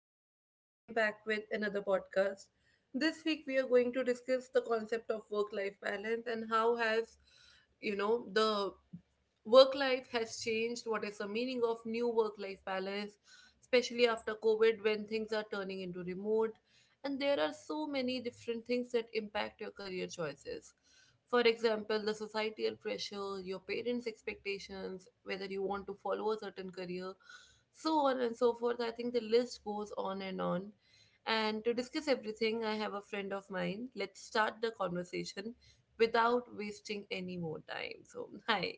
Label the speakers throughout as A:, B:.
A: always, I am back with another podcast. This week, we are going to discuss the concept of work life balance and how has, the work life has changed. What is the meaning of new work life balance, especially after COVID when things are turning into remote? And there are so many different things that impact your career choices. For example, the societal pressure, your parents' expectations, whether you want to follow a certain career, so on and so forth. I think the list goes on. And to discuss everything, I have a friend of mine. Let's start the conversation without wasting any more time. So, hi.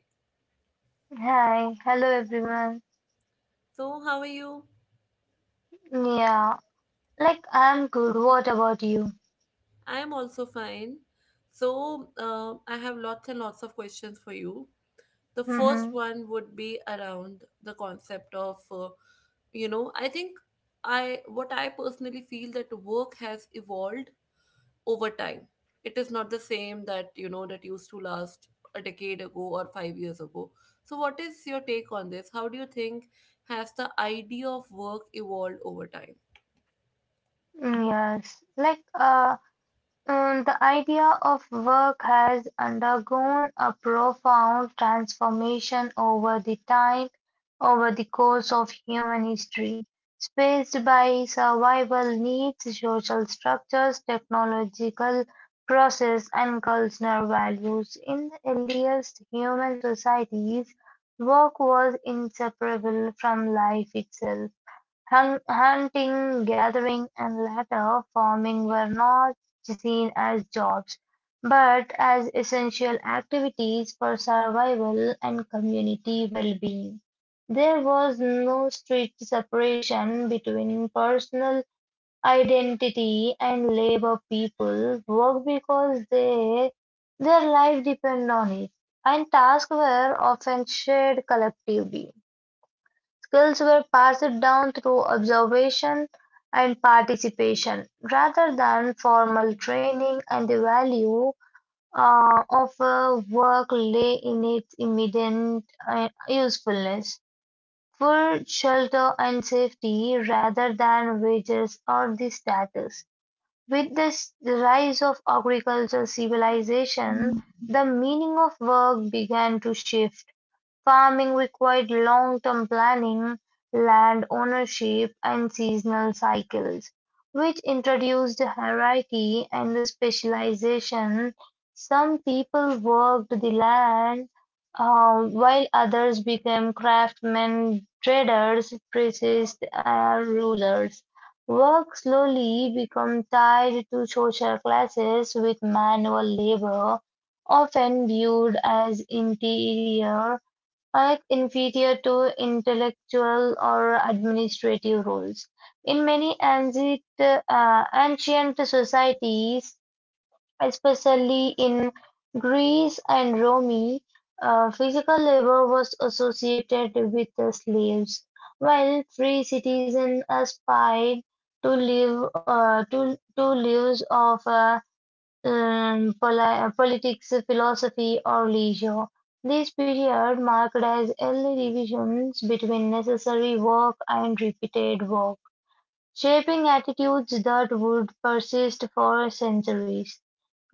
B: Hi, hello everyone.
A: So, how are you?
B: Yeah, I'm good. What about you?
A: I am also fine. So, I have lots and lots of questions for you. The first
B: Mm-hmm.
A: one would be around the concept of, I think, I what I personally feel, that work has evolved over time. It is not the same that you know that used to last a decade ago or 5 years ago. So, what is your take on this? How do you think has the idea of work evolved over time?
B: Yes, like uh, the idea of work has undergone a profound transformation over the time, over the course of human history, spaced by survival needs, social structures, technological process, and cultural values. In the earliest human societies, work was inseparable from life itself. Hunting, gathering, and later farming were not seen as jobs, but as essential activities for survival and community well-being. There was no strict separation between personal identity and labor. People worked because they their life depended on it, and tasks were often shared collectively. Skills were passed down through observation and participation, rather than formal training, and the value of a work lay in its immediate usefulness. Food, shelter, and safety rather than wages or the status. With the rise of agricultural civilization, the meaning of work began to shift. Farming required long-term planning, land ownership, and seasonal cycles, which introduced hierarchy and specialization. Some people worked the land, while others became craftsmen, traders, priests, and rulers. Work slowly became tied to social classes with manual labor, often viewed as inferior, are inferior to intellectual or administrative roles. In many ancient societies, especially in Greece and Rome, physical labor was associated with the slaves, while free citizens aspired to live to lives of politics, philosophy, or leisure. This period marked as early divisions between necessary work and repeated work, shaping attitudes that would persist for centuries.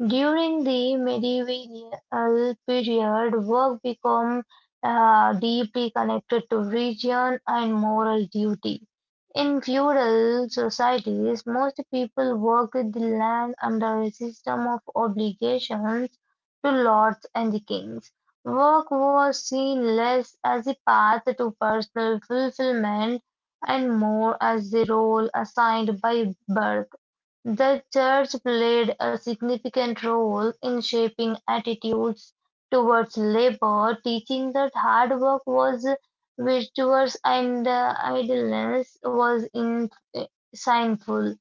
B: During the medieval period, work became deeply connected to religion and moral duty. In feudal societies, most people worked the land under a system of obligations to lords and the kings. Work was seen less as a path to personal fulfillment and more as the role assigned by birth. The church played a significant role in shaping attitudes towards labor, teaching that hard work was virtuous and idleness was sinful.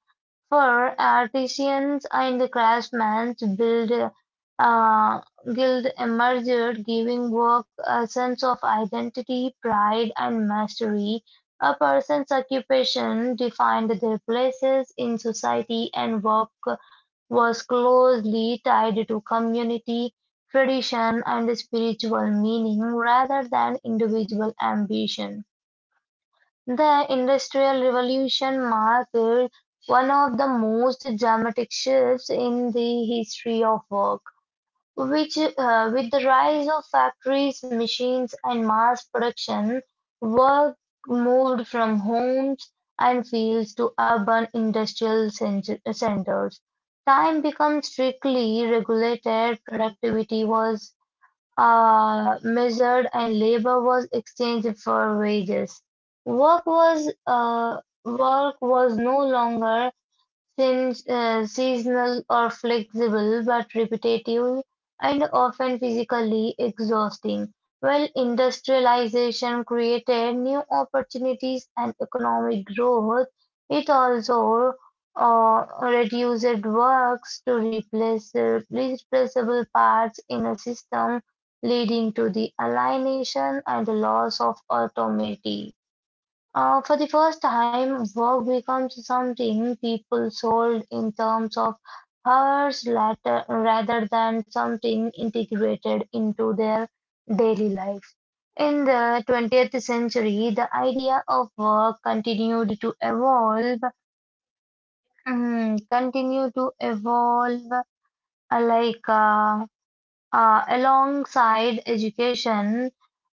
B: For artisans and craftsmen, uh, Guild emerged, giving work a sense of identity, pride, and mastery. A person's occupation defined their places in society, and work was closely tied to community, tradition, and spiritual meaning rather than individual ambition. The Industrial Revolution marked one of the most dramatic shifts in the history of work, which, with the rise of factories, machines, and mass production, work moved from homes and fields to urban centers. Time became strictly regulated, productivity was measured and labor was exchanged for wages. Work was uh, work was no longer since seasonal or flexible but repetitive and often physically exhausting, while industrialization created new opportunities and economic growth, it also reduced works to replaceable parts in a system, leading to the alienation and loss of autonomy. For the first time, work becomes something people sold in terms of hours later, rather than something integrated into their daily life. In the 20th century, the idea of work continued to evolve, mm, Continue to evolve like alongside education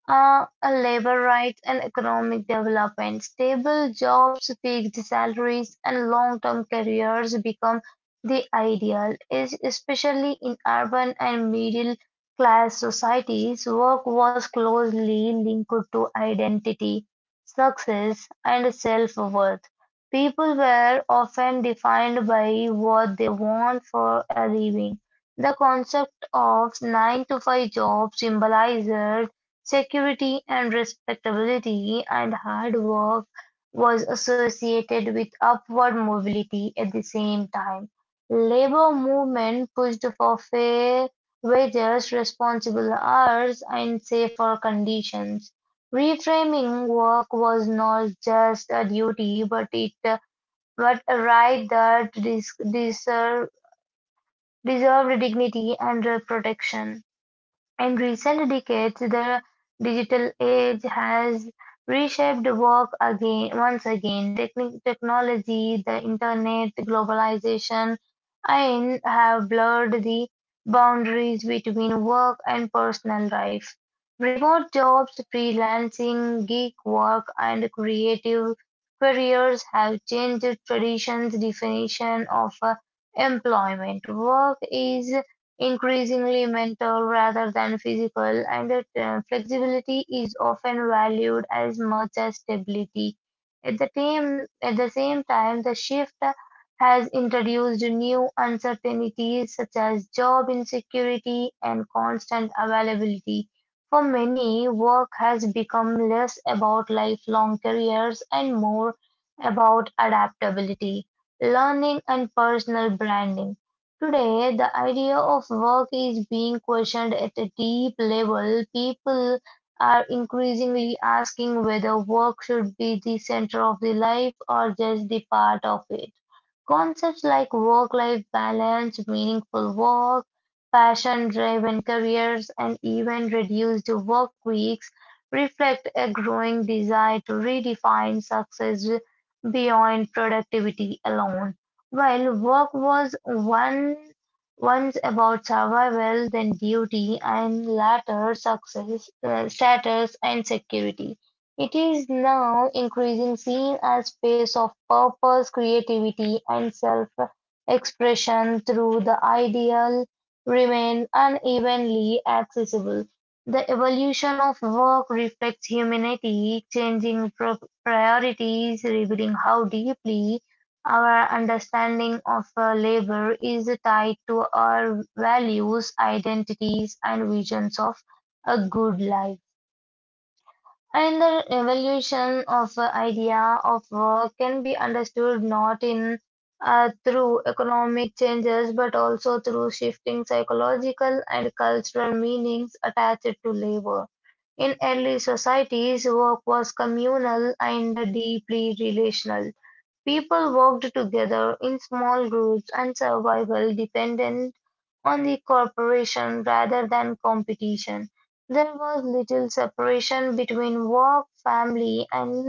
B: a labor rights and economic development. Stable jobs, fixed salaries, and long-term careers become the ideal, especially in urban and middle-class societies. Work was closely linked to identity, success, and self-worth. People were often defined by what they want for a living. The concept of 9 to 5 job symbolizes security and respectability and hard work was associated with upward mobility at the same time. Labor movement pushed for fair wages, responsible hours, and safer conditions. Reframing work was not just a duty, but a right that deserved dignity and protection. In recent decades, the digital age has reshaped once again. Technology, the internet, globalization, and have blurred the boundaries between work and personal life. Remote jobs, freelancing, gig work, and creative careers have changed traditions' definition of employment. Work is increasingly mental rather than physical, and that flexibility is often valued as much as stability. At the same time, the shift has introduced new uncertainties such as job insecurity and constant availability. For many, work has become less about lifelong careers and more about adaptability, learning, and personal branding. Today, the idea of work is being questioned at a deep level. People are increasingly asking whether work should be the center of the life or just the part of it. Concepts like work-life balance, meaningful work, passion-driven careers, and even reduced work weeks reflect a growing desire to redefine success beyond productivity alone. While work was one, Once about survival, then duty, and later success, status, and security. It is now increasingly seen as a space of purpose, creativity, and self-expression, through the ideal remain unevenly accessible. The evolution of work reflects humanity, changing priorities, revealing how deeply our understanding of labor is tied to our values, identities, and visions of a good life. And the evolution of the idea of work can be understood not in through economic changes but also through shifting psychological and cultural meanings attached to labor. In early societies, work was communal and deeply relational. People worked together in small groups and survival depended on the cooperation rather than competition. There was little separation between work, family, and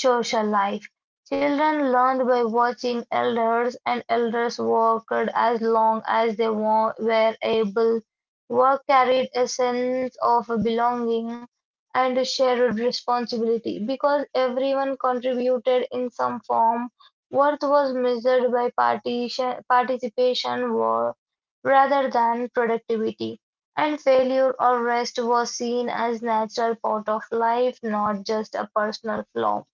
B: social life. Children learned by watching elders, and elders worked as long as they were able. Work carried a sense of belonging and a shared responsibility. Because everyone contributed in some form, worth was measured by participation rather than productivity. And failure or rest was seen as natural part of life, not just a personal flaw.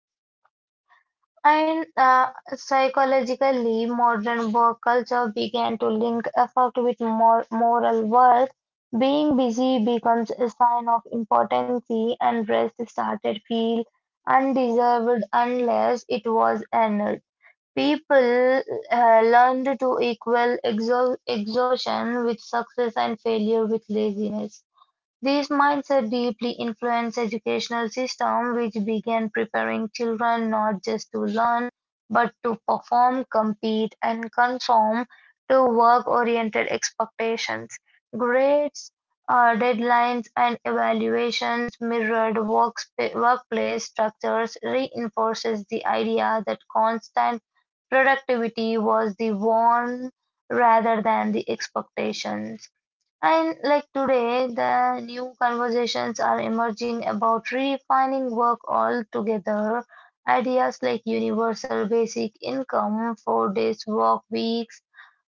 B: And Psychologically, modern work culture began to link effort with moral worth. Being busy becomes a sign of importance, and rest started feel undeserved unless it was earned. People learned to equal exo exhaustion with success and failure with laziness. This mindset deeply influenced educational systems which began preparing children not just to learn, but to perform, compete, and conform to work-oriented expectations. Grades, deadlines, and evaluations mirrored workplace structures reinforces the idea that constant productivity was the norm rather than the expectations. And like today, the new conversations are emerging about redefining work altogether. Ideas like universal basic income, 4 days work weeks,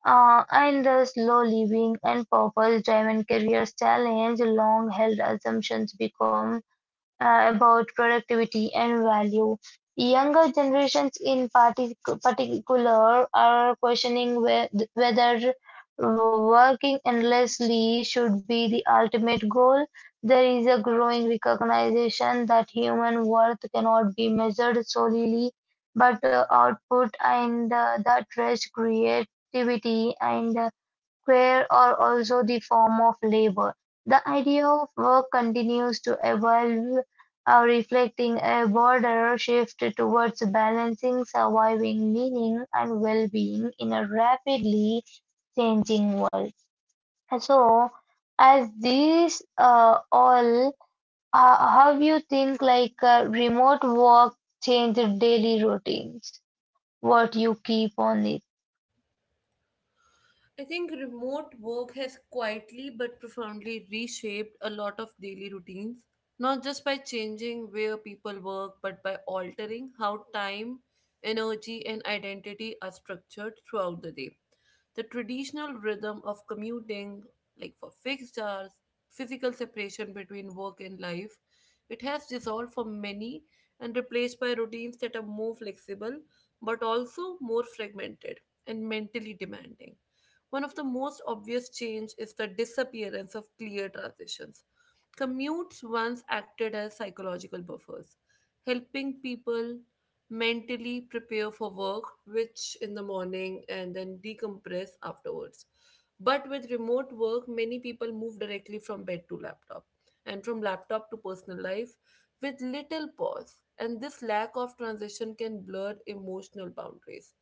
B: and the slow living and purpose driven careers challenge long held assumptions become about productivity and value. Younger generations, in particular, are questioning whether working endlessly should be the ultimate goal. There is a growing recognition that human worth cannot be measured solely but output and that rest, creativity, and care are also the form of labor. The idea of work continues to evolve, reflecting a broader shift towards balancing surviving meaning and well-being in a rapidly changing world. So, as these uh, all, how you think remote work changed daily routines? What you keep on it?
A: I think remote work has quietly but profoundly reshaped a lot of daily routines, not just by changing where people work, but by altering how time, energy, and identity are structured throughout the day. The traditional rhythm of commuting, like for fixed hours, physical separation between work and life, it has dissolved for many and replaced by routines that are more flexible but also more fragmented and mentally demanding. One of the most obvious change is the disappearance of clear transitions. Commutes once acted as psychological buffers, helping people mentally prepare for work, which in the morning, and then decompress afterwards. But with remote work, many people move directly from bed to laptop, and from laptop to personal life, with little pause. And this lack of transition can blur emotional boundaries,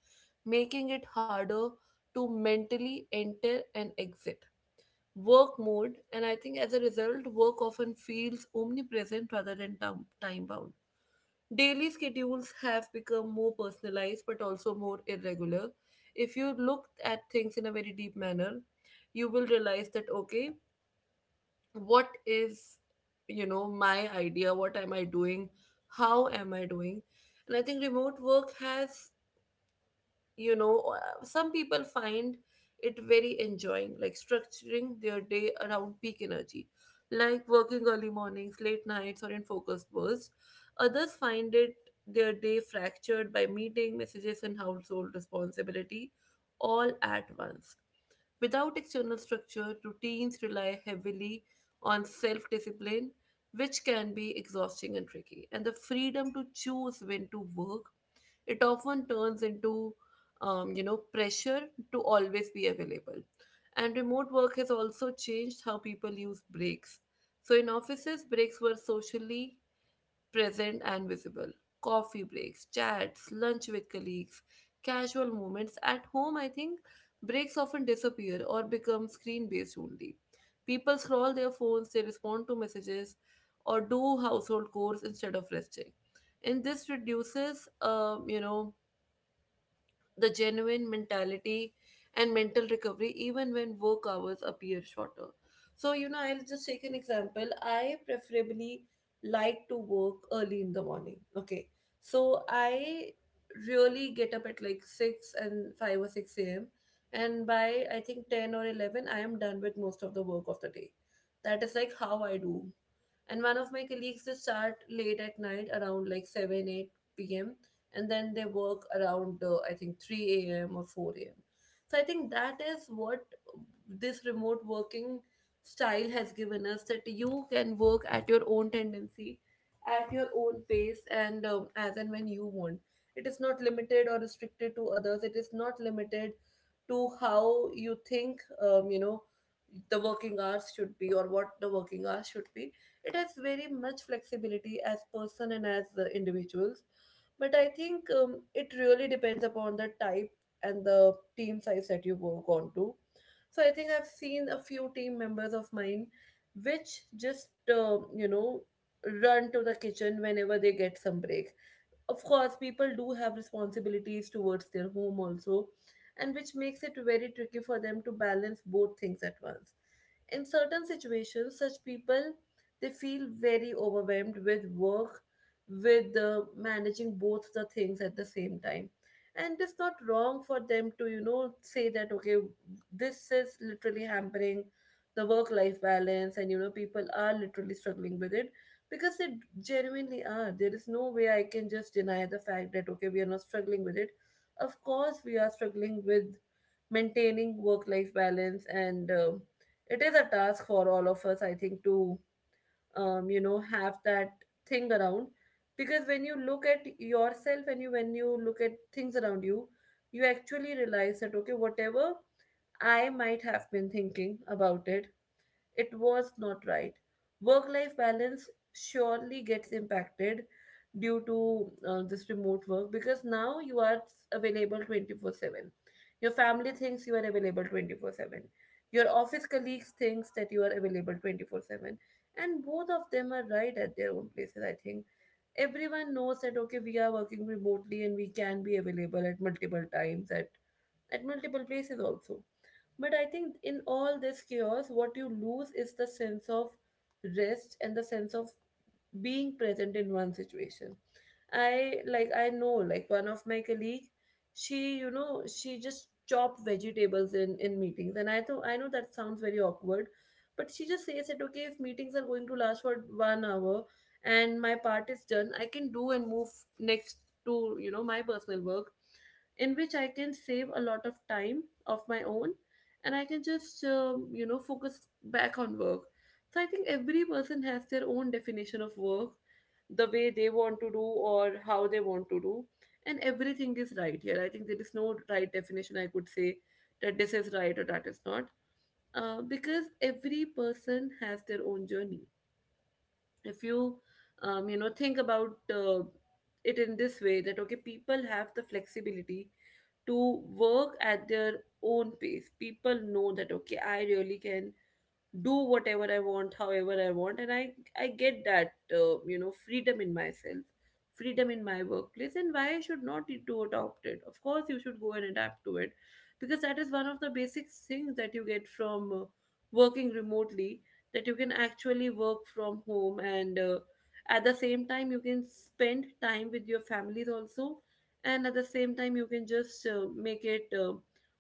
A: making it harder to mentally enter and exit work mode. And I think, as a result, work often feels omnipresent rather than time bound. Daily schedules have become more personalized but also more irregular. If you look at things in a very deep manner, you will realize that, okay, what is my idea? What am I doing? How am I doing? And I think remote work has, some people find it very enjoying, like structuring their day around peak energy, like working early mornings, late nights, or in focused bursts. Others find it, their day fractured by meeting messages and household responsibility, all at once. Without external structure, routines rely heavily on self discipline, which can be exhausting and tricky. And the freedom to choose when to work, it often turns into, pressure to always be available. And remote work has also changed how people use breaks. So in offices, breaks were socially present and visible: coffee breaks, chats, lunch with colleagues, casual moments. At home, I think, breaks often disappear or become screen based only. People scroll their phones, they respond to messages, or do household chores instead of resting. And this reduces, the genuine mentality and mental recovery, even when work hours appear shorter. So, I'll just take an example. I preferably like to work early in the morning. Okay. So I really get up at like 6, and 5 or 6 a.m. And by, I think, 10 or 11, I am done with most of the work of the day. That is like how I do. And one of my colleagues, they start late at night around like 7, 8 p.m., and then they work around, I think, 3 a.m. or 4 a.m. So I think that is what this remote working style has given us, that you can work at your own tendency, at your own pace, and, as and when you want. It is not limited or restricted to others, it is not limited to how you think, um, you know the working hours should be or what the working hours should be. It has very much flexibility as person and as individuals. But I think, it really depends upon the type and the team size that you work on to. So I think I've seen a few team members of mine, which just, run to the kitchen whenever they get some break. Of course, people do have responsibilities towards their home also, and which makes it very tricky for them to balance both things at once. In certain situations, such people, they feel very overwhelmed with work, with managing both the things at the same time. And it's not wrong for them to say that, okay, this is literally hampering the work life balance, and people are literally struggling with it, because they genuinely are. There is no way I can just deny the fact that, okay, we are not struggling with it. Of course we are struggling with maintaining work life balance, and it is a task for all of us, I think, to have that thing around. Because when you look at yourself, and you when you look at things around you, you actually realize that, okay, whatever I might have been thinking about it, was not right. Work life balance surely gets impacted due to this remote work, because now you are available 24/7. Your family thinks you are available 24/7. Your office colleagues thinks that you are available 24/7. And both of them are right at their own places. I think everyone knows that, okay, we are working remotely and we can be available at multiple times, at multiple places also. But I think in all this chaos, what you lose is the sense of rest and the sense of being present in one situation. I Like, I know, like, one of my colleague, she you know she just chopped vegetables in meetings, and I thought, I know that sounds very awkward, but she just says that, okay, if meetings are going to last for 1 hour and my part is done, I can do and move next to my personal work, in which I can save a lot of time of my own. And I can just, focus back on work. So I think every person has their own definition of work, the way they want to do or how they want to do. And everything is right here. I think there is no right definition, I could say that this is right or that is not. Because every person has their own journey. If you, think about it in this way, that, okay, people have the flexibility to work at their own pace. People know that, okay, I really can do whatever I want, however I want, and I get that freedom in myself, freedom in my workplace, and why I should not need to adopt it. Of course, you should go and adapt to it, because that is one of the basic things that you get from working remotely. That you can actually work from home, and at the same time you can spend time with your families also, and at the same time you can just make it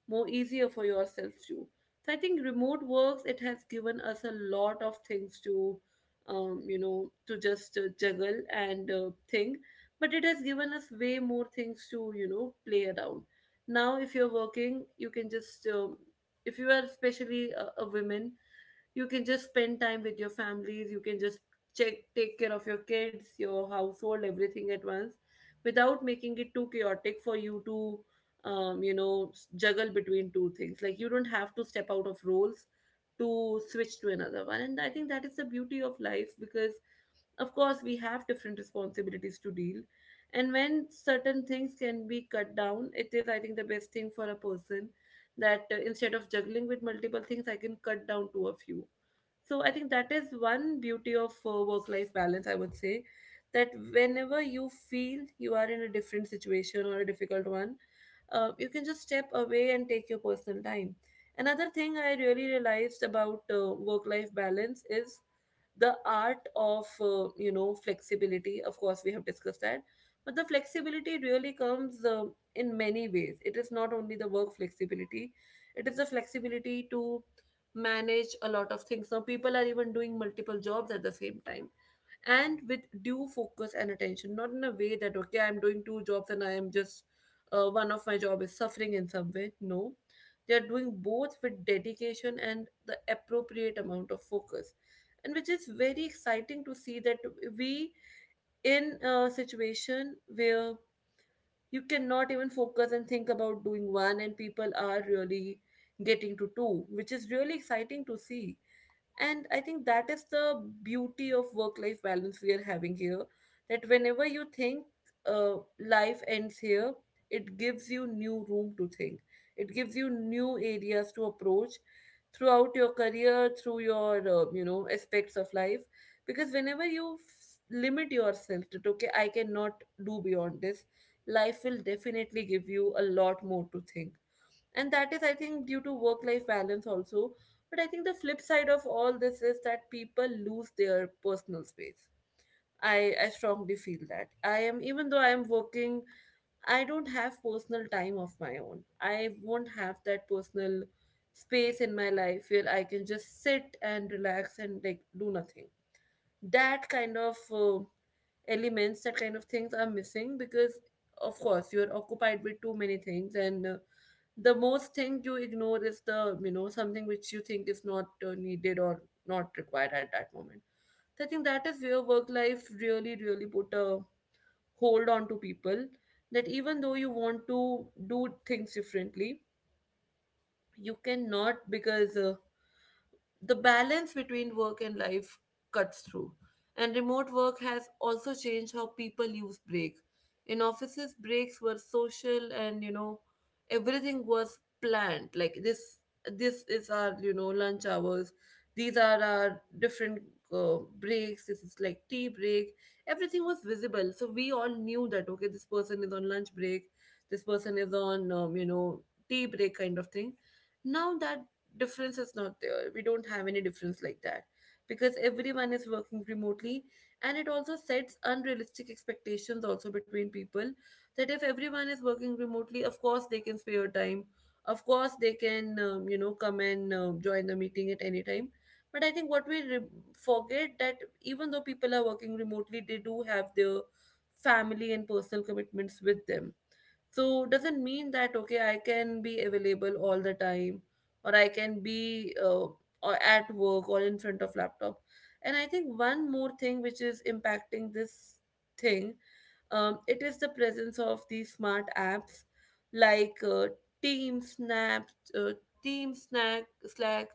A: more easier for yourself too. So I think remote works, it has given us a lot of things to, just juggle and think, but it has given us way more things to play around. Now, if you're working, you can just if you are especially a woman, you can just spend time with your families. You can just check take care of your kids, your household, everything at once without making it too chaotic for you to juggle between two things. Like, you don't have to step out of roles to switch to another one, and I think that is the beauty of life, because of course we have different responsibilities to deal, and when certain things can be cut down, it is, I think, the best thing for a person, that instead of juggling with multiple things, I can cut down to a few. So I think that is one beauty of work life balance, I would say, that whenever you feel you are in a different situation or a difficult one, you can just step away and take your personal time. Another thing I really realized about work life balance is the art of flexibility. Of course, we have discussed that, but the flexibility really comes in many ways. It is not only the work flexibility, it is the flexibility to manage a lot of things. Now people are even doing multiple jobs at the same time, and with due focus and attention, not in a way that okay, I'm doing two jobs and I am just one of my job is suffering in some way. No, they are doing both with dedication and the appropriate amount of focus, and which is very exciting to see, that we in a situation where you cannot even focus and think about doing one, and people are really getting to two, which is really exciting to see. And I think that is the beauty of work life balance we are having here, that whenever you think life ends here, it gives you new room to think, it gives you new areas to approach throughout your career, through your aspects of life. Because whenever you limit yourself to okay, I cannot do beyond this, life will definitely give you a lot more to think, and that is, I think, due to work life balance also. But I think the flip side of all this is that people lose their personal space. I strongly feel that I am, even though I am working, I don't have personal time of my own. I won't have that personal space in my life where I can just sit and relax and like do nothing. That kind of elements, that kind of things are missing, because of course you're occupied with too many things, and the most thing you ignore is the, you know, something which you think is not needed or not required at that moment. So I think that is where work life really really put a hold on to people, that even though you want to do things differently, you cannot, because the balance between work and life cuts through. And remote work has also changed how people use break. In offices, breaks were social and, you know, everything was planned. Like this is our, you know, lunch hours. These are our different breaks. This is like tea break. Everything was visible, so we all knew that okay, this person is on lunch break. This person is on tea break kind of thing. Now that difference is not there. We don't have any difference like that because everyone is working remotely, and it also sets unrealistic expectations also between people, that if everyone is working remotely, of course they can spare time, of course they can come and join the meeting at any time. But I think what we forget that even though people are working remotely, they do have their family and personal commitments with them. So doesn't mean that okay, I can be available all the time, or I can be or at work or in front of laptop. And I think one more thing which is impacting this thing, it is the presence of these smart apps, like Team Snap, uh, Team Snack, Slack,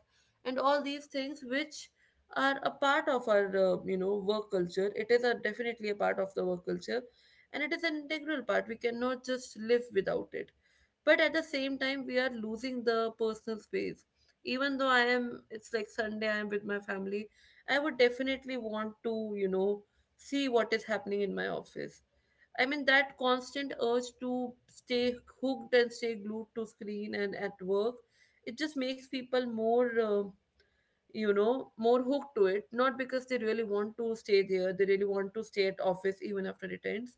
A: and all these things which are a part of our work culture. It is a, definitely a part of the work culture, and it is an integral part. We cannot just live without it, but at the same time, we are losing the personal space. Even though I am, it's like Sunday I am with my family, I would definitely want to, you know, see what is happening in my office. I mean, that constant urge to stay hooked and stay glued to screen and at work, it just makes people more more hooked to it. Not because they really want to stay there, they really want to stay at office even after it ends,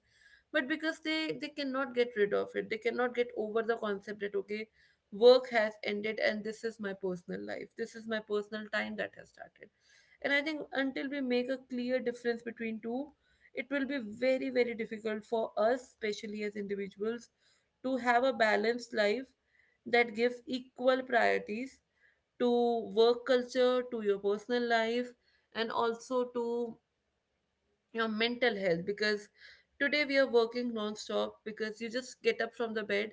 A: but because they cannot get rid of it. They cannot get over the concept that okay, work has ended and this is my personal life, this is my personal time that has started. And I think until we make a clear difference between two, it will be very very difficult for us, especially as individuals, to have a balanced life that gives equal priorities to work culture, to your personal life, and also to your mental health. Because today we are working non-stop, because you just get up from the bed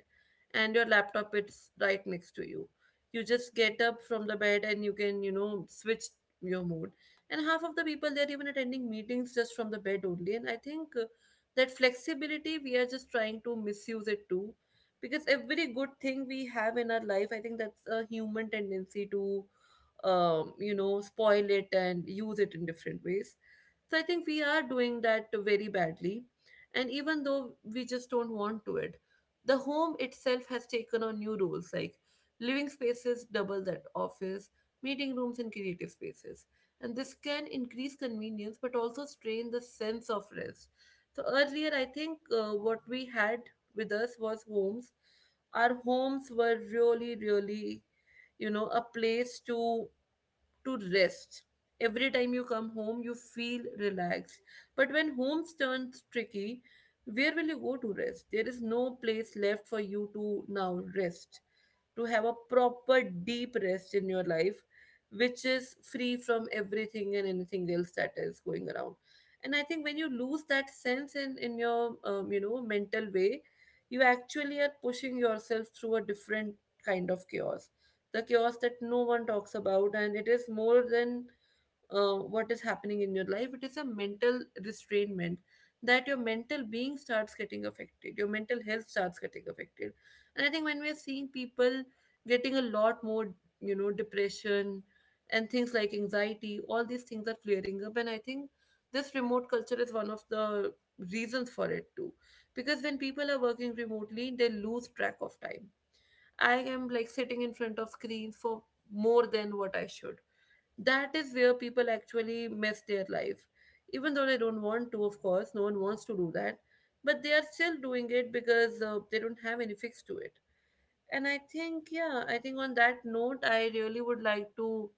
A: and your laptop is right next to you. You just get up from the bed and you can, you know, switch your mood, and half of the people, they're even attending meetings just from the bed only. And I think that flexibility we are just trying to misuse it too, because every good thing we have in our life, I think that's a human tendency to spoil it and use it in different ways. So I think we are doing that very badly. And even though we just don't want to it, the home itself has taken on new roles, like living spaces double that office, meeting rooms and creative spaces. And this can increase convenience but also strain the sense of rest. So earlier I think what we had with us was homes. Our homes were really, really, you know, a place to rest. Every time you come home, you feel relaxed. But when homes turns tricky, where will you go to rest? There is no place left for you to now rest, to have a proper deep rest in your life, which is free from everything and anything else that is going around. And I think when you lose that sense in your mental way, you actually are pushing yourself through a different kind of chaos. The chaos that no one talks about, and it is more than what is happening in your life. It is a mental restrainment, that your mental being starts getting affected, your mental health starts getting affected. And I think when we're seeing people getting a lot more, you know, depression and things like anxiety, all these things are clearing up, and I think this remote culture is one of the reasons for it too. Because when people are working remotely, they lose track of time. I am like sitting in front of screens for more than what I should. That is where people actually mess their life. Even though they don't want to, of course, no one wants to do that, but they are still doing it because they don't have any fix to it. And I think, yeah, I think on that note, I really would like to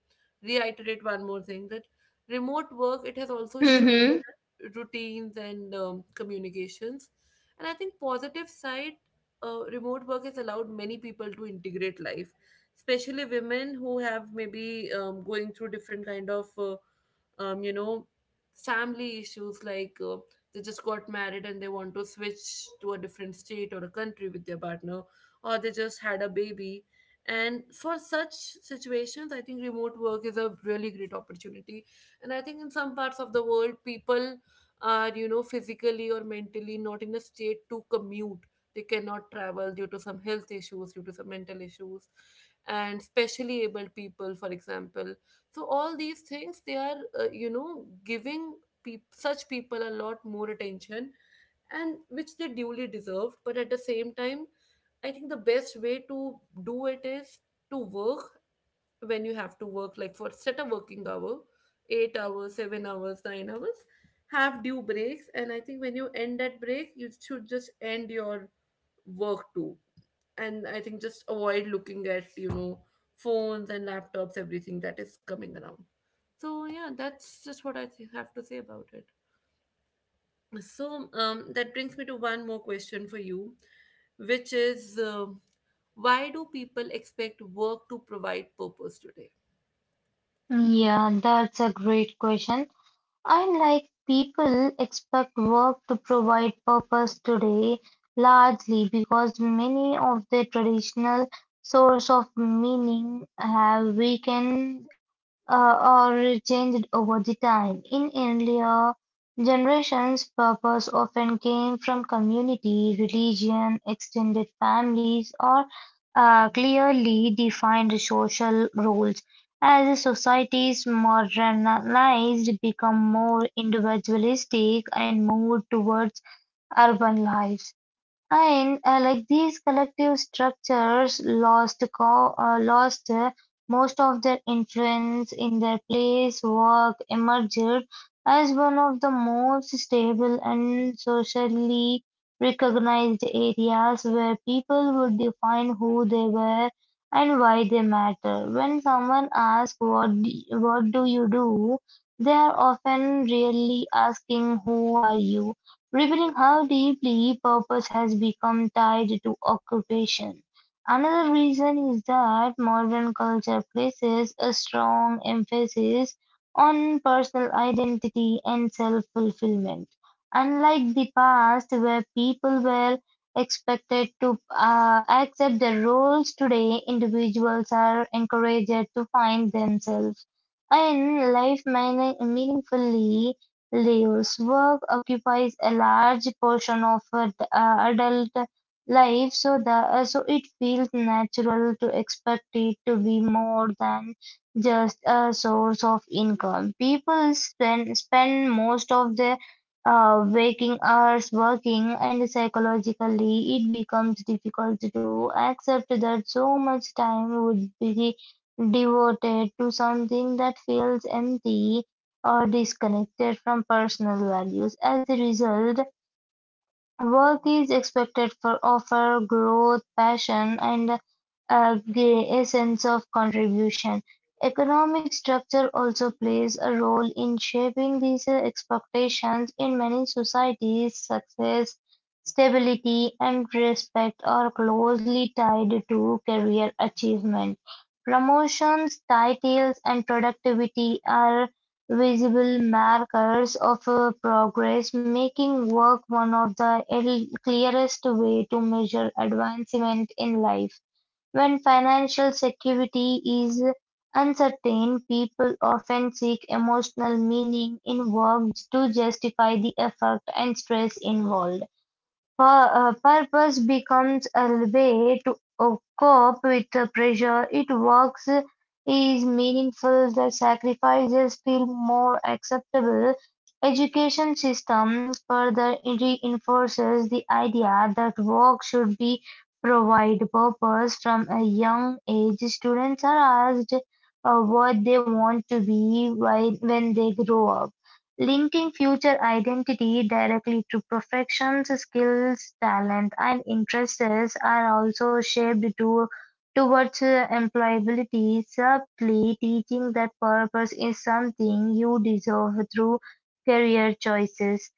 A: reiterate one more thing, that remote work, it has also
B: Mm-hmm.
A: shifted routines and communications. And I think positive side, remote work has allowed many people to integrate life, especially women who have maybe going through different kind of, um, you know, family issues, like they just got married and they want to switch to a different state or a country with their partner, or they just had a baby. And for such situations, I think remote work is a really great opportunity. And I think in some parts of the world, people are, you know, physically or mentally not in a state to commute. They cannot travel due to some health issues, due to some mental issues, and specially abled people, for example. So all these things, they are giving peop such people a lot more attention, and which they duly deserved. But at the same time, I think the best way to do it is to work when you have to work, like for set a working hour, 8 hours, 7 hours, 9 hours, have due breaks. And I think when you end that break, you should just end your work too. And I think just avoid looking at, you know, phones and laptops, everything that is coming around. So yeah, that's just what I have to say about it. So that brings me to one more question for you, which is why do people expect work to provide purpose today?
B: Yeah, that's a great question. Unlike people expect work to provide purpose today, largely because many of the traditional sources of meaning have weakened or changed over the time. In earlier generations, purpose often came from community, religion, extended families, or clearly defined social roles. As societies modernized, become more individualistic and moved towards urban lives. And like These collective structures lost most of their influence in their place, work emerged as one of the most stable and socially recognized areas where people would define who they were and why they matter. When someone asks what do you do, they are often really asking who are you, revealing how deeply purpose has become tied to occupation. Another reason is that modern culture places a strong emphasis on personal identity and self fulfillment. Unlike the past, where people were expected to accept their roles, today individuals are encouraged to find themselves and life meaningfully Liu's work occupies a large portion of adult life, so the so it feels natural to expect it to be more than just a source of income. People spend most of their waking hours working, and psychologically, it becomes difficult to accept that so much time would be devoted to something that feels empty or disconnected from personal values. As a result, work is expected for offer growth, passion, and uh, a sense of contribution. Economic structure also plays a role in shaping these expectations. In many societies, success, stability, and respect are closely tied to career achievement. Promotions, titles, and productivity are visible markers of progress, making work one of the clearest way to measure advancement in life. When financial security is uncertain, people often seek emotional meaning in work to justify the effort and stress involved. Her Purpose becomes a way to cope with the pressure; it works is meaningful; the sacrifices feel more acceptable. Education system further reinforces the idea that work should be provide purpose from a young age. Students are asked what they want to be when they grow up. Linking future identity directly to professions, skills, talent, and interests are also shaped to towards employability, subtly teaching that purpose is something you deserve through career choices.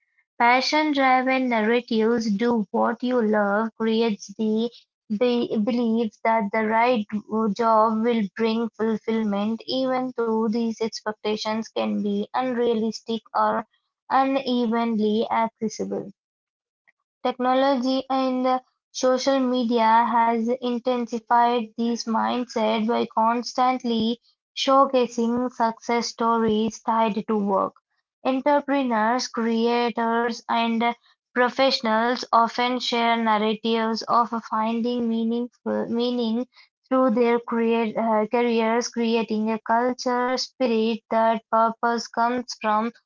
B: Passion-driven narratives "do what you love" creates the belief that the right job will bring fulfillment, even though these expectations can be unrealistic or unevenly accessible. Technology and the social media has intensified this mindset by constantly showcasing success stories tied to work. Entrepreneurs, creators, and professionals often share narratives of finding meaningful meaning through their careers, creating a culture spirit that purpose comes from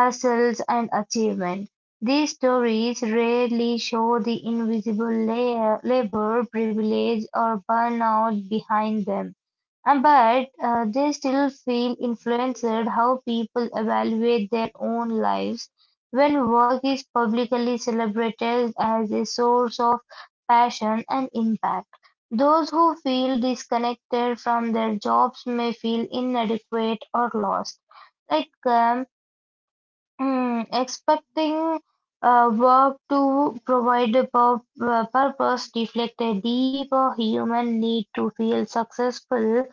B: hustles and achievement. These stories rarely show the invisible layer, labor, privilege, or burnout behind them. But they still feel influenced how people evaluate their own lives. When work is publicly celebrated as a source of passion and impact, those who feel disconnected from their jobs may feel inadequate or lost. Like um, Expecting work to provide a purpose reflect a deeper human need to feel successful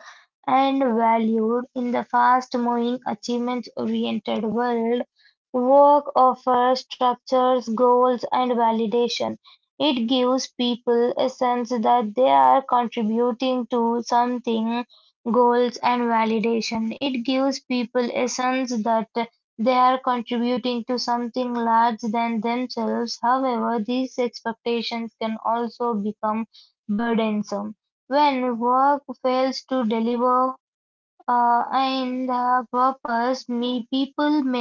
B: and valued in the fast-moving, achievement-oriented world. Work offers structures, goals, and validation. It gives people a sense that they are contributing to something, goals, and validation. It gives people a sense that they are contributing to something larger than themselves; however, these expectations can also become burdensome when work fails to deliver and the purpose me people may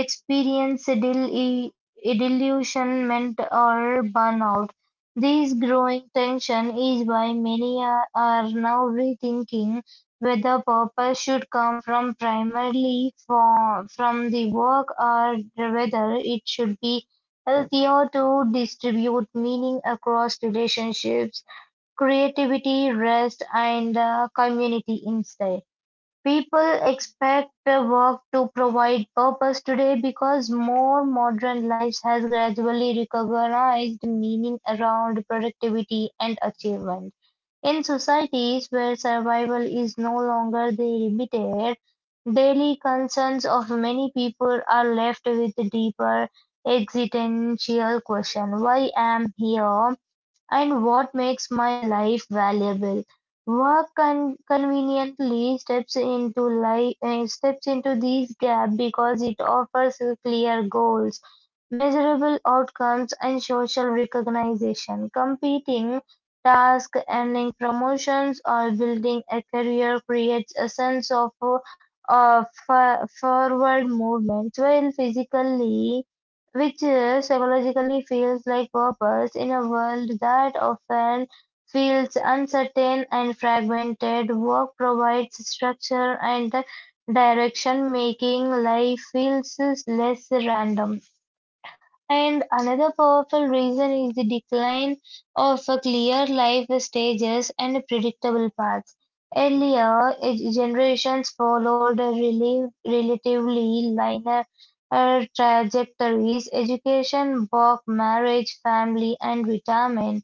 B: experience disillusionment or burnout. This growing tension is why many are now rethinking whether purpose should come from primarily from the work or whether it should be healthier to distribute meaning across relationships, creativity, rest, and community instead. People expect work to provide purpose today because more modern life has gradually recognized meaning around productivity and achievement. In societies where survival is no longer the limited, daily concerns of many people are left with deeper existential question. Why am here? And what makes my life valuable. Conveniently steps into life, steps into these gaps because it offers you clear goals, measurable outcomes, and social recognition. Competing tasks, earning promotions, or building a career creates a sense of forward movement, while physically which psychologically feels like purpose in a world that often feels uncertain and fragmented. Work provides structure and direction, making life feels less random. And another powerful reason is the decline of a clear life stages and predictable paths. Earlier, generations followed a relatively linear uh, trajectories, education, work, marriage, family, and retirement.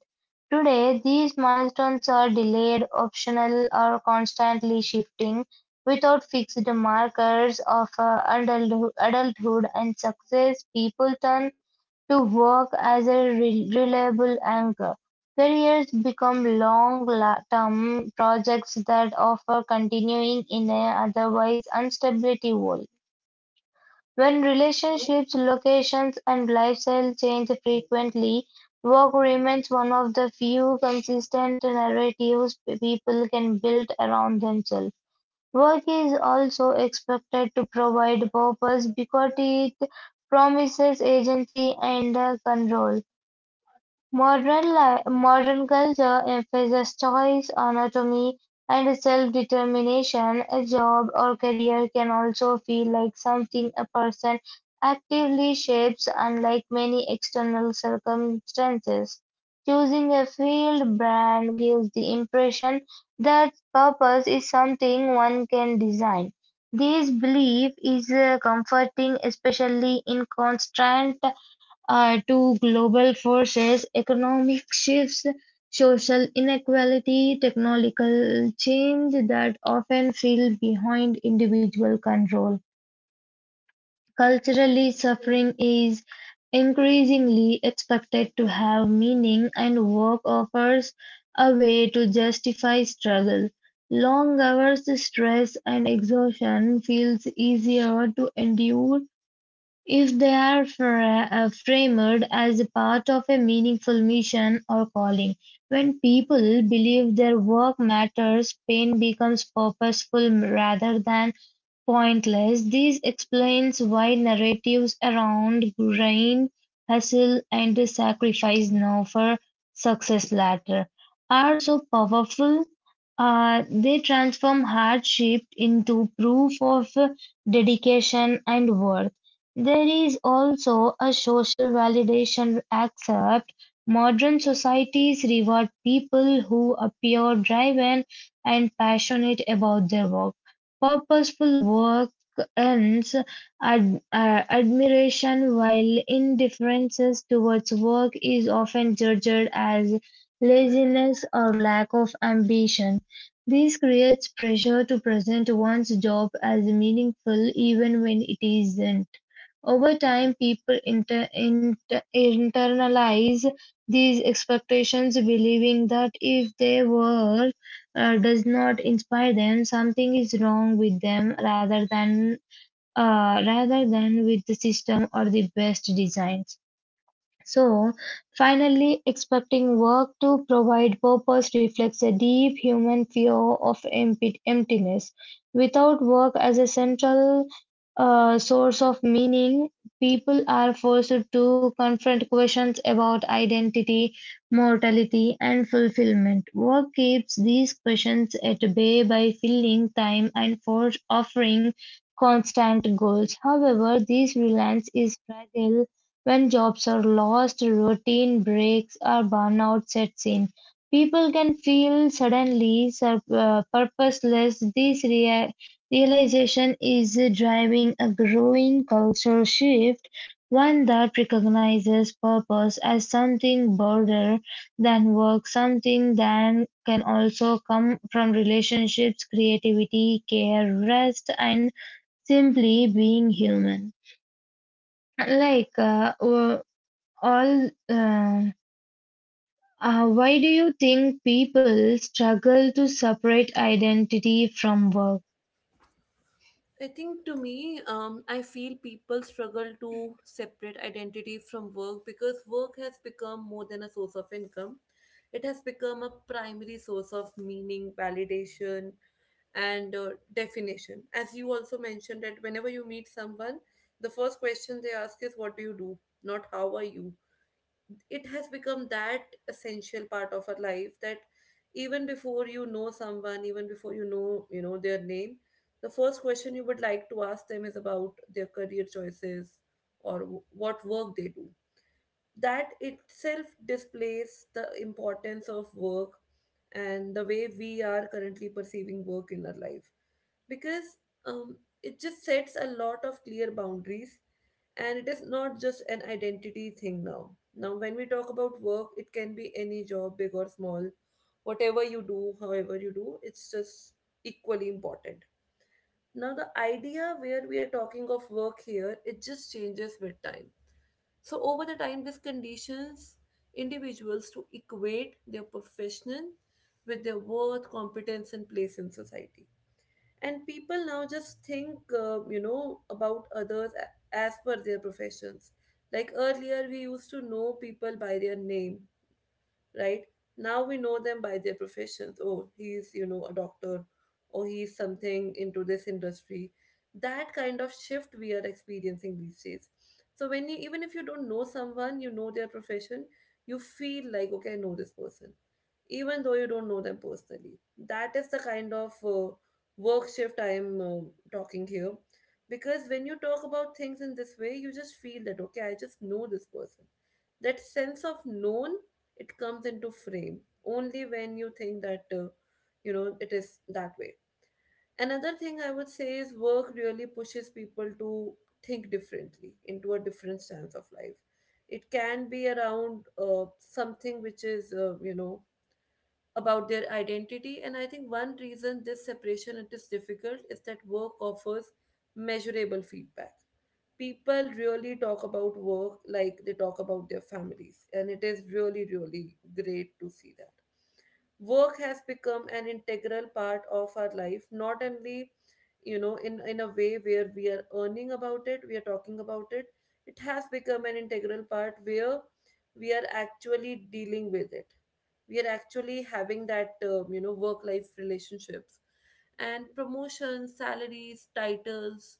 B: Today, these milestones are delayed, optional, or constantly shifting without fixed markers of adulthood and success. People turn to work as a reliable anchor. Careers become long-term projects that offer continuing in an otherwise unstability world. When relationships, locations, and lifestyle change frequently, work remains one of the few consistent narratives people can build around themselves. Work is also expected to provide purpose because it promises agency and control. Modern culture emphasizes choice, autonomy, and self-determination. A job or career can also feel like something a person actively shapes, unlike many external circumstances. Choosing a field brand gives the impression that purpose is something one can design. This belief is comforting, especially in constant to global forces, economic shifts, social inequality, technological change that often feel behind individual control. Culturally, suffering is increasingly expected to have meaning, and work offers a way to justify struggle. Long hours, stress, and exhaustion feels easier to endure if they are framed as a part of a meaningful mission or calling. When people believe their work matters, pain becomes purposeful rather than pointless. This explains why narratives around grind, hustle, and sacrifice now for success latter are so powerful. They transform hardship into proof of dedication and worth. There is also a social validation accept. Modern societies reward people who appear driven and passionate about their work. Purposeful work earns ad- uh, admiration, while indifference towards work is often judged as laziness or lack of ambition. This creates pressure to present one's job as meaningful even when it isn't. Over time, people internalize these expectations, believing that if their work does not inspire them, something is wrong with them, rather than with the system or the best designs. So, finally, expecting work to provide purpose reflects a deep human fear of emptiness. Without work as a central source of meaning, people are forced to confront questions about identity, mortality, and fulfillment. Work keeps these questions at bay by filling time and for offering constant goals. However, this reliance is fragile when jobs are lost, routine breaks, or burnout sets in, people can feel suddenly purposeless. Realization is driving a growing cultural shift, one that recognizes purpose as something broader than work, something that can also come from relationships, creativity, care, rest, and simply being human. Like, all Why do you think people struggle to separate identity from work?
A: I think to me, I feel people struggle to separate identity from work because work has become more than a source of income. It has become a primary source of meaning, validation, and definition. As you also mentioned, that whenever you meet someone, the first question they ask is, What do you do? Not how are you? It has become that essential part of our life that even before you know someone, even before you know their name, the first question you would like to ask them is about their career choices or what work they do. That itself displays the importance of work and the way we are currently perceiving work in our life. Because um, it just sets a lot of clear boundaries, and it is not just an identity thing now. When we talk about work, it can be any job, big or small. Whatever you do, however you do, it's just equally important. Now the idea where we are talking of work here, it just changes with time. So over the time, this conditions individuals to equate their profession with their worth, competence, and place in society. And people now just think, about others as per their professions. Like earlier, we used to know people by their name, right? Now we know them by their professions. Oh, he's, a doctor, or he's something into this industry. That kind of shift we are experiencing these days. So when you even if you don't know someone, you know their profession, you feel like, okay, I know this person. Even though you don't know them personally. That is the kind of work shift I am talking here. Because when you talk about things in this way, you just feel that, okay, I just know this person. That sense of known, it comes into frame only when you think that you know, it is that way. Another thing I would say is work really pushes people to think differently, into a different stance of life. It can be around something which is, about their identity. And I think one reason this separation it is difficult is that work offers measurable feedback. People really talk about work like they talk about their families, and it is really, really great to see that work has become an integral part of our life, not only, in a way where we are earning about it, we are talking about it. It has become an integral part where we are actually dealing with it. We are actually having that, work life relationships, and promotions, salaries, titles,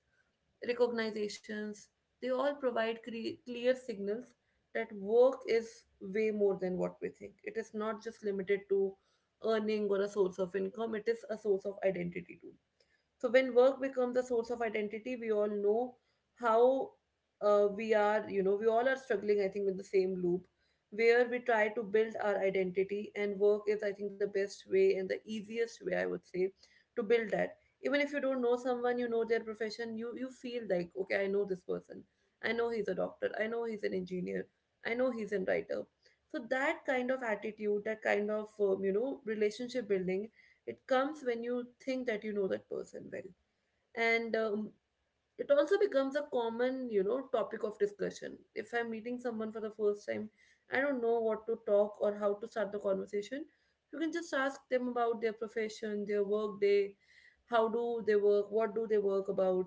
A: recognizations, they all provide clear signals that work is way more than what we think. It is not just limited to earning or a source of income, it is a source of identity too. So when work becomes a source of identity, we all know how, we are, we all are struggling, I think, with the same loop where we try to build our identity, and work is, I think, the best way and the easiest way, I would say, to build that. Even if you don't know someone, you know their profession, you feel like, okay, I know this person. I know he's a doctor. I know he's an engineer. I know he's a writer. So that kind of attitude, that kind of, relationship building, it comes when you think that you know that person well. And it also becomes a common, topic of discussion. If I'm meeting someone for the first time, I don't know what to talk or how to start the conversation. You can just ask them about their profession, their work day, how do they work, what do they work about,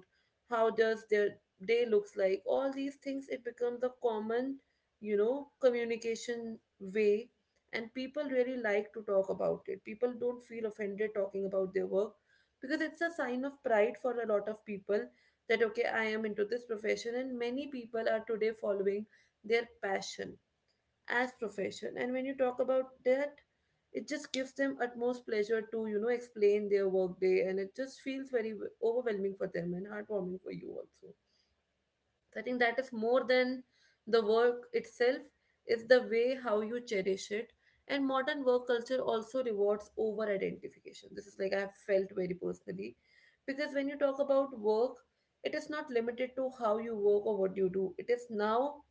A: how does their day looks like. All these things, it becomes a common, communication way. And people really like to talk about it. People don't feel offended talking about their work, because it's a sign of pride for a lot of people that okay, I am into this profession. And many people are today following their passion as profession, and when you talk about that, it just gives them utmost pleasure to, explain their work day. And it just feels very overwhelming for them and heartwarming for you also. So I think that is more than the work itself, it's the way how you cherish it. And modern work culture also rewards over identification. This is like I have felt very personally. Because when you talk about work, it is not limited to how you work or what you do. It is now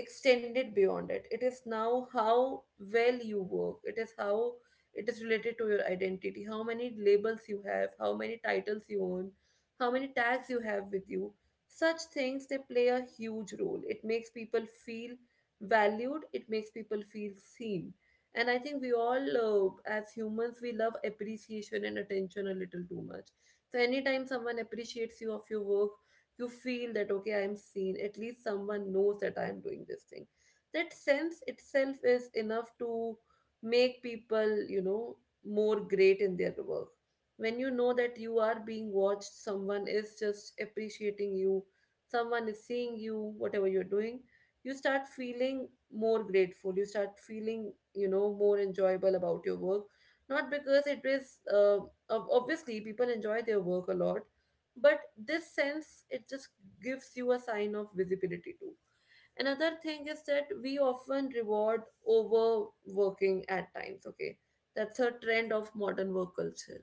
A: extended beyond it. It is now how well you work, it is how it is related to your identity, how many labels you have, how many titles you own, how many tags you have with you. Such things, they play a huge role. It makes people feel valued, it makes people feel seen. And I think we all, as humans, we love appreciation and attention a little too much. So anytime someone appreciates you of your work, you feel that okay, I am seen. At least someone knows that I am doing this thing. That sense itself is enough to make people, more great in their work. When you know that you are being watched, someone is just appreciating you, someone is seeing you whatever you're doing, you start feeling more grateful. You start feeling, more enjoyable about your work. Not because it is, obviously people enjoy their work a lot, but this sense, it just gives you a sign of visibility too. Another thing is that we often reward overworking at times, okay? That's a trend of modern work culture.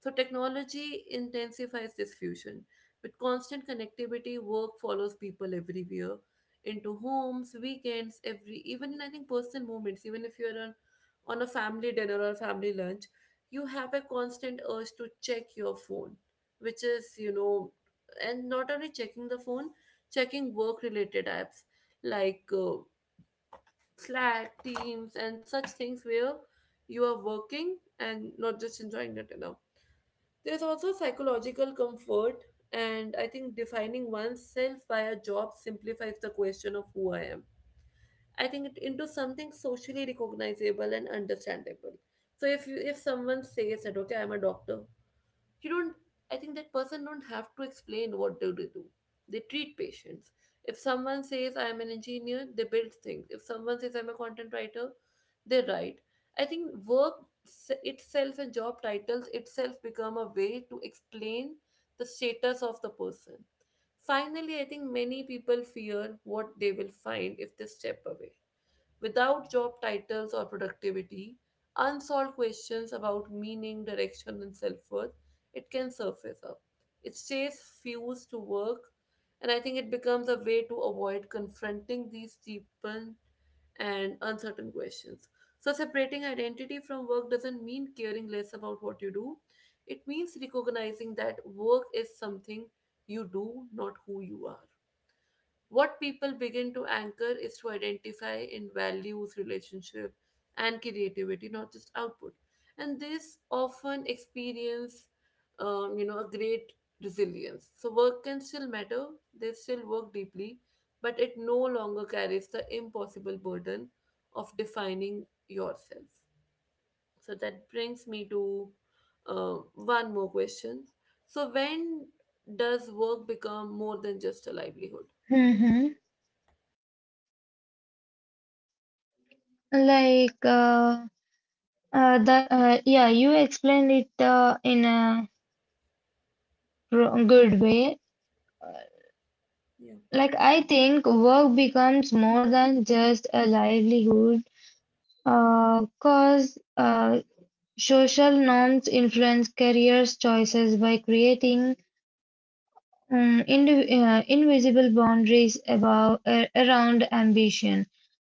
A: So technology intensifies this fusion. With constant connectivity, work follows people everywhere, into homes, weekends, every even in, I think, personal moments. Even if you're on a family dinner or a family lunch, you have a constant urge to check your phone, which is, and not only checking the phone, checking work related apps like Slack, Teams, and such things, where you are working and not just enjoying your dinner. There's also psychological comfort, and I think defining oneself by a job simplifies the question of who I am. I think it into something socially recognizable and understandable. So if someone says that okay, I'm a doctor, you don't, I think that person don't have to explain what do they do. They treat patients. If someone says I am an engineer, they build things. If someone says I'm a content writer, they write. I think itself and job titles itself become a way to explain the status of the person. Finally, I think many people fear what they will find if they step away. Without job titles or productivity, unsolved questions about meaning, direction, and self worth, it can surface up. It stays fused to work, and I think it becomes a way to avoid confronting these deepened and uncertain questions. So separating identity from work doesn't mean caring less about what you do. It means recognizing that work is something you do, not who you are. What people begin to anchor is to identify in values, relationship, and creativity, not just output. And this often experience, a great resilience. So work can still matter. They still work deeply, but it no longer carries the impossible burden of defining yourself. So that brings me to one more question. So when does work become more than just a livelihood?
B: Mm-hmm. like the Yeah, you explained it in a good way.
A: Yeah.
B: Like, I think work becomes more than just a livelihood cause social norms influence careers choices by creating invisible boundaries about, around ambition.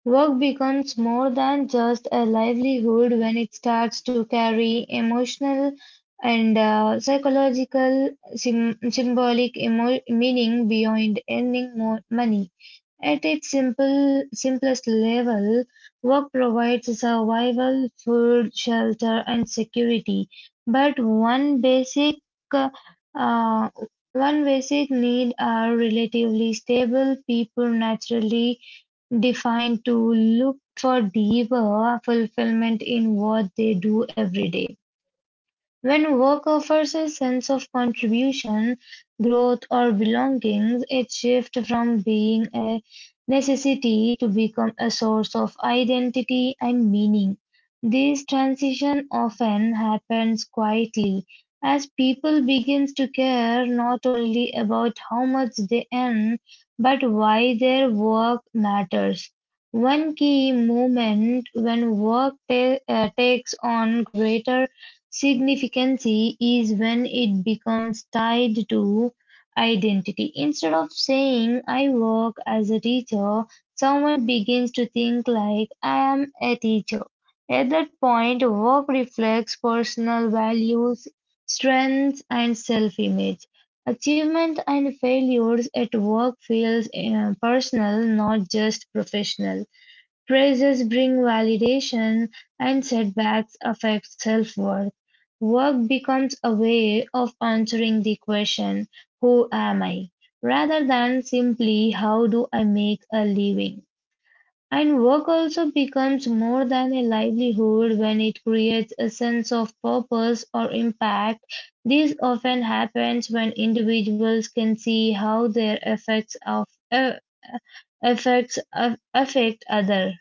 B: Work becomes more than just a livelihood when it starts to carry emotional and psychological, symbolic meaning beyond earning more money. At its simplest level, work provides survival, food, shelter, and security. But uh, one basic need are relatively stable. People naturally defined to look for deeper fulfillment in what they do every day. When work offers a sense of contribution, growth, or belonging, it shifts from being a necessity to become a source of identity and meaning. This transition often happens quietly as people begin to care not only about how much they earn but why their work matters. One key moment when takes on greater significancy is when it becomes tied to identity. Instead of saying, I work as a teacher, someone begins to think like, I am a teacher. At that point, work reflects personal values, strengths, and self image. Achievement and failures at work feels personal, not just professional. Praises bring validation and setbacks affect self-worth. Work becomes a way of answering the question, who am I? Rather than simply how do I make a living. And work also becomes more than a livelihood when it creates a sense of purpose or impact. This often happens when individuals can see how their uh, effects of, affect others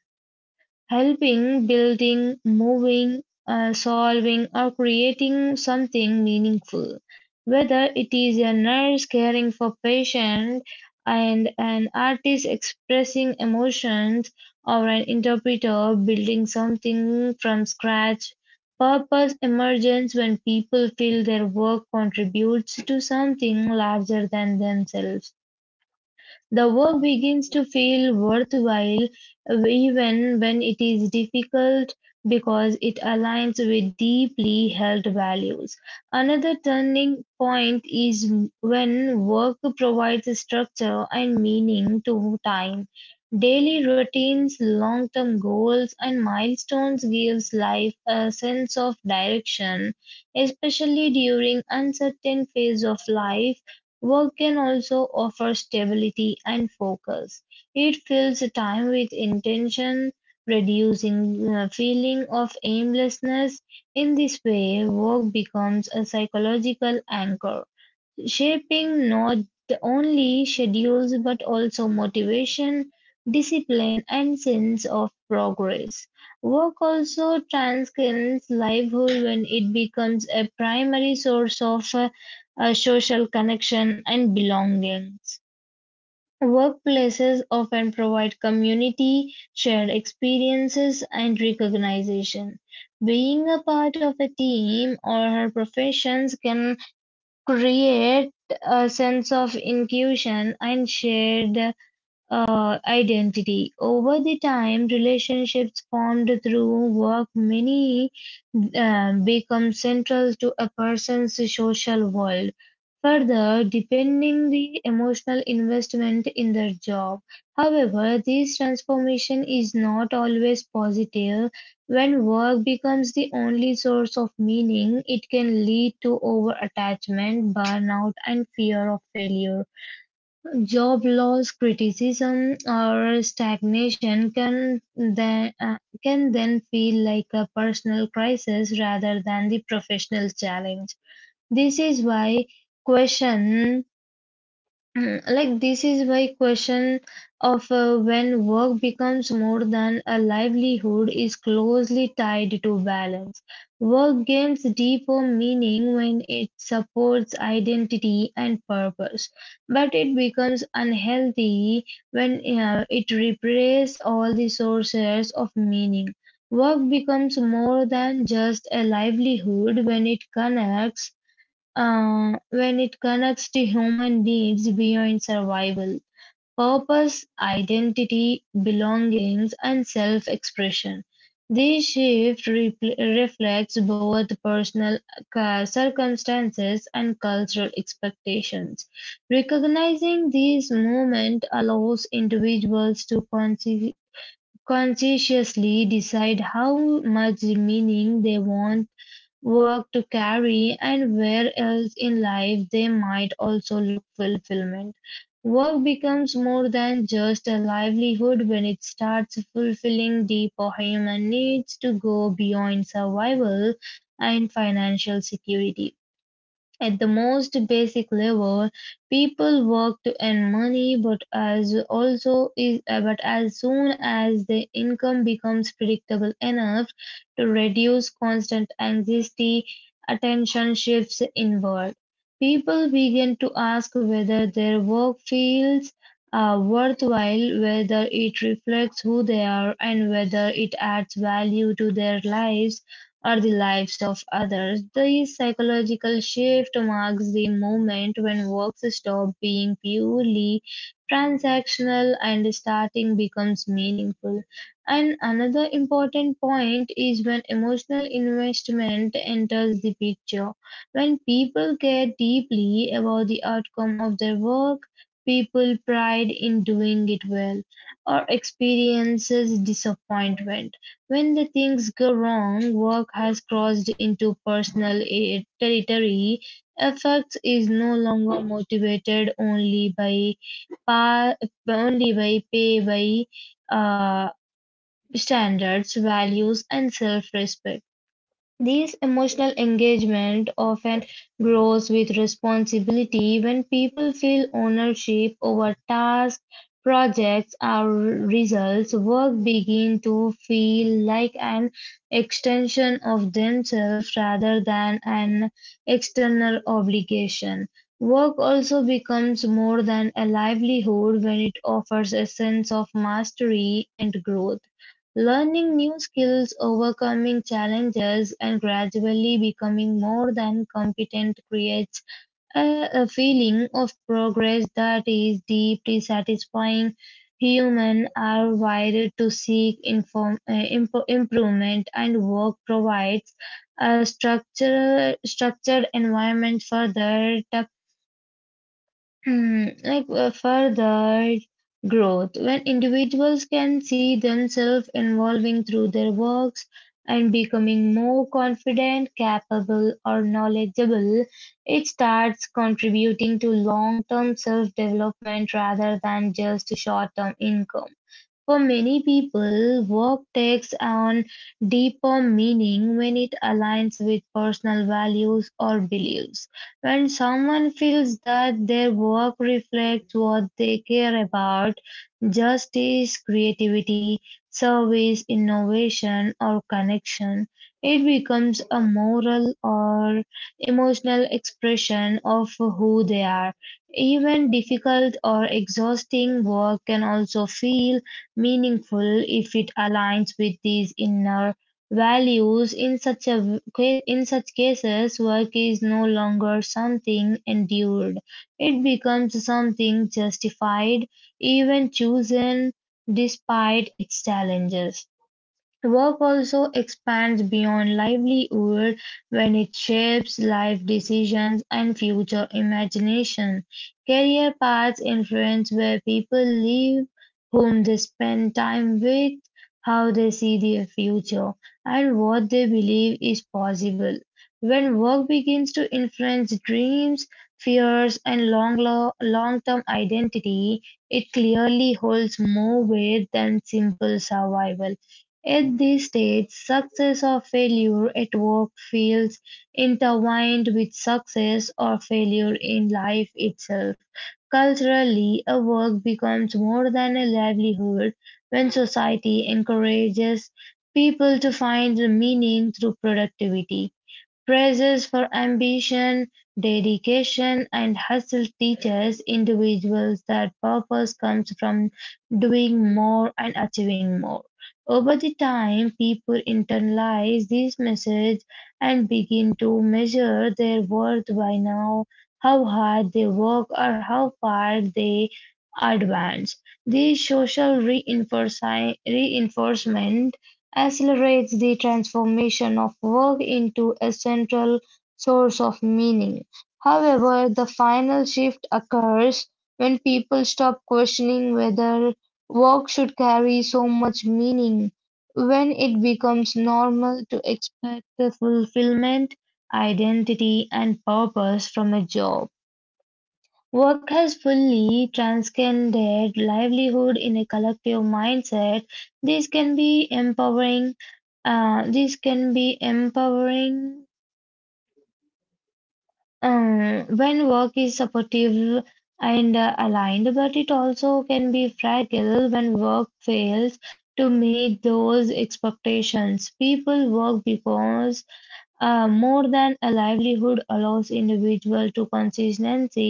B: helping, building, moving, solving, or creating something meaningful. Whether it is a nurse caring for patient and an artist expressing emotions or an interpreter building something from scratch, purpose emerges when people feel their work contributes to something larger than themselves. The work begins to feel worthwhile even when it is difficult because it aligns with deeply held values. Another turning point is when work provides structure and meaning to time. Daily routines, long-term goals, and milestones gives life a sense of direction, especially during uncertain phase of life. Work can also offer stability and focus; it fills time with intention, reducing the feeling of aimlessness. In this way, work becomes a psychological anchor shaping not only schedules but also motivation, discipline, and sense of progress. Work also transcends livelihood when it becomes a primary source of social connection and belongings. Workplaces often provide community, shared experiences, and recognition. Being a part of a team or her professions can create a sense of inclusion and shared identity. Over the time, relationships formed through work many become central to a person's social world. Further, depending the emotional investment in their job. However, this transformation is not always positive. When work becomes the only source of meaning, it can lead to over attachment, burnout, and fear of failure. Job loss, criticism, or stagnation can then feel like a personal crisis rather than the professional challenge. This is why question this is why question of when work becomes more than a livelihood is closely tied to balance. Work gains deeper meaning when it supports identity and purpose, but it becomes unhealthy when it replaces all the sources of meaning. Work becomes more than just a livelihood when it connects to human needs beyond survival, purpose, identity, belongings, and self expression. This shift reflects both personal circumstances and cultural expectations. Recognizing these movements allows individuals to conscientiously decide how much meaning they want work to carry and where else in life they might also look fulfillment. Work becomes more than just a livelihood when it starts fulfilling deeper human needs to go beyond survival and financial security. At the most basic level, people work to earn money, but as also is but as soon as the income becomes predictable enough to reduce constant anxiety, attention shifts inward. People begin to ask whether their work feels worthwhile, whether it reflects who they are, and whether it adds value to their lives or the lives of others. This psychological shift marks the moment when works stop being purely transactional and starting becomes meaningful. And another important point is when emotional investment enters the picture. When people care deeply about the outcome of their work, people pride in doing it well or experiences disappointment when the things go wrong, work has crossed into personal territory. Effects is no longer motivated only by pa- only by pay by standards, values, and self-respect. This emotional engagement often grows with responsibility when people feel ownership over tasks, projects, or results. Work begin to feel like an extension of themselves rather than an external obligation. Work also becomes more than a livelihood when it offers a sense of mastery and growth. Learning new skills, overcoming challenges, and gradually becoming more than competent creates a feeling of progress that is deeply satisfying. Humans are wired to seek improvement, and work provides a structured environment for their further growth, when individuals can see themselves evolving through their works and becoming more confident, capable, or knowledgeable, it starts contributing to long term self development rather than just short term income. For many people, work takes on deeper meaning when it aligns with personal values or beliefs. When someone feels that their work reflects what they care about, justice, creativity, service, innovation, or connection, it becomes a moral or emotional expression of who they are. Even difficult or exhausting work can also feel meaningful if it aligns with these inner values. In such cases, work is no longer something endured. It becomes something justified, even chosen despite its challenges. Work also expands beyond livelihood when it shapes life decisions and future imagination. Career paths influence where people live, whom they spend time with, how they see their future, and what they believe is possible. When work begins to influence dreams, fears, and long term identity, it clearly holds more weight than simple survival. At this stage, success or failure at work feels intertwined with success or failure in life itself. Culturally, a work becomes more than a livelihood when society encourages people to find the meaning through productivity. Praises for ambition, dedication, and hustle teaches individuals that purpose comes from doing more and achieving more. Over the time, people internalize this message and begin to measure their worth by now how hard they work or how far they advance. This reinforcement accelerates the transformation of work into a central source of meaning. However, the final shift occurs when people stop questioning whether work should carry so much meaning, when it becomes normal to expect the fulfillment identity and purpose from a job. Work has fully transcended livelihood in a collective mindset. This can be empowering. This can be empowering when work is supportive and aligned, but it also can be fragile when work fails to meet those expectations. People work because More than a livelihood allows individual to consistently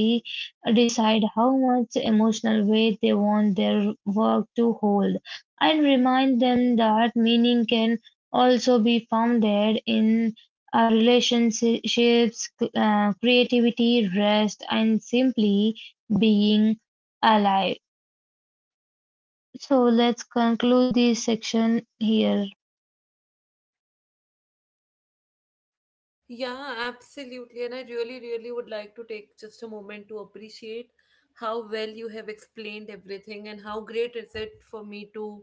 B: decide how much emotional weight they want their work to hold and remind them that meaning can also be founded in relationships, creativity, rest, and simply being alive. So let's conclude this section here.
A: Yeah, absolutely. And I really, really would like to take just a moment to appreciate how well you have explained everything and how great is it for me to,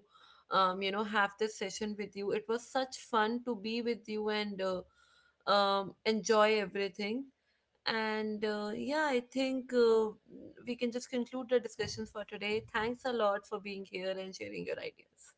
A: have this session with you. It was such fun to be with you, and enjoy everything. And yeah, I think we can just conclude the discussion for today. Thanks a lot for being here and sharing your ideas.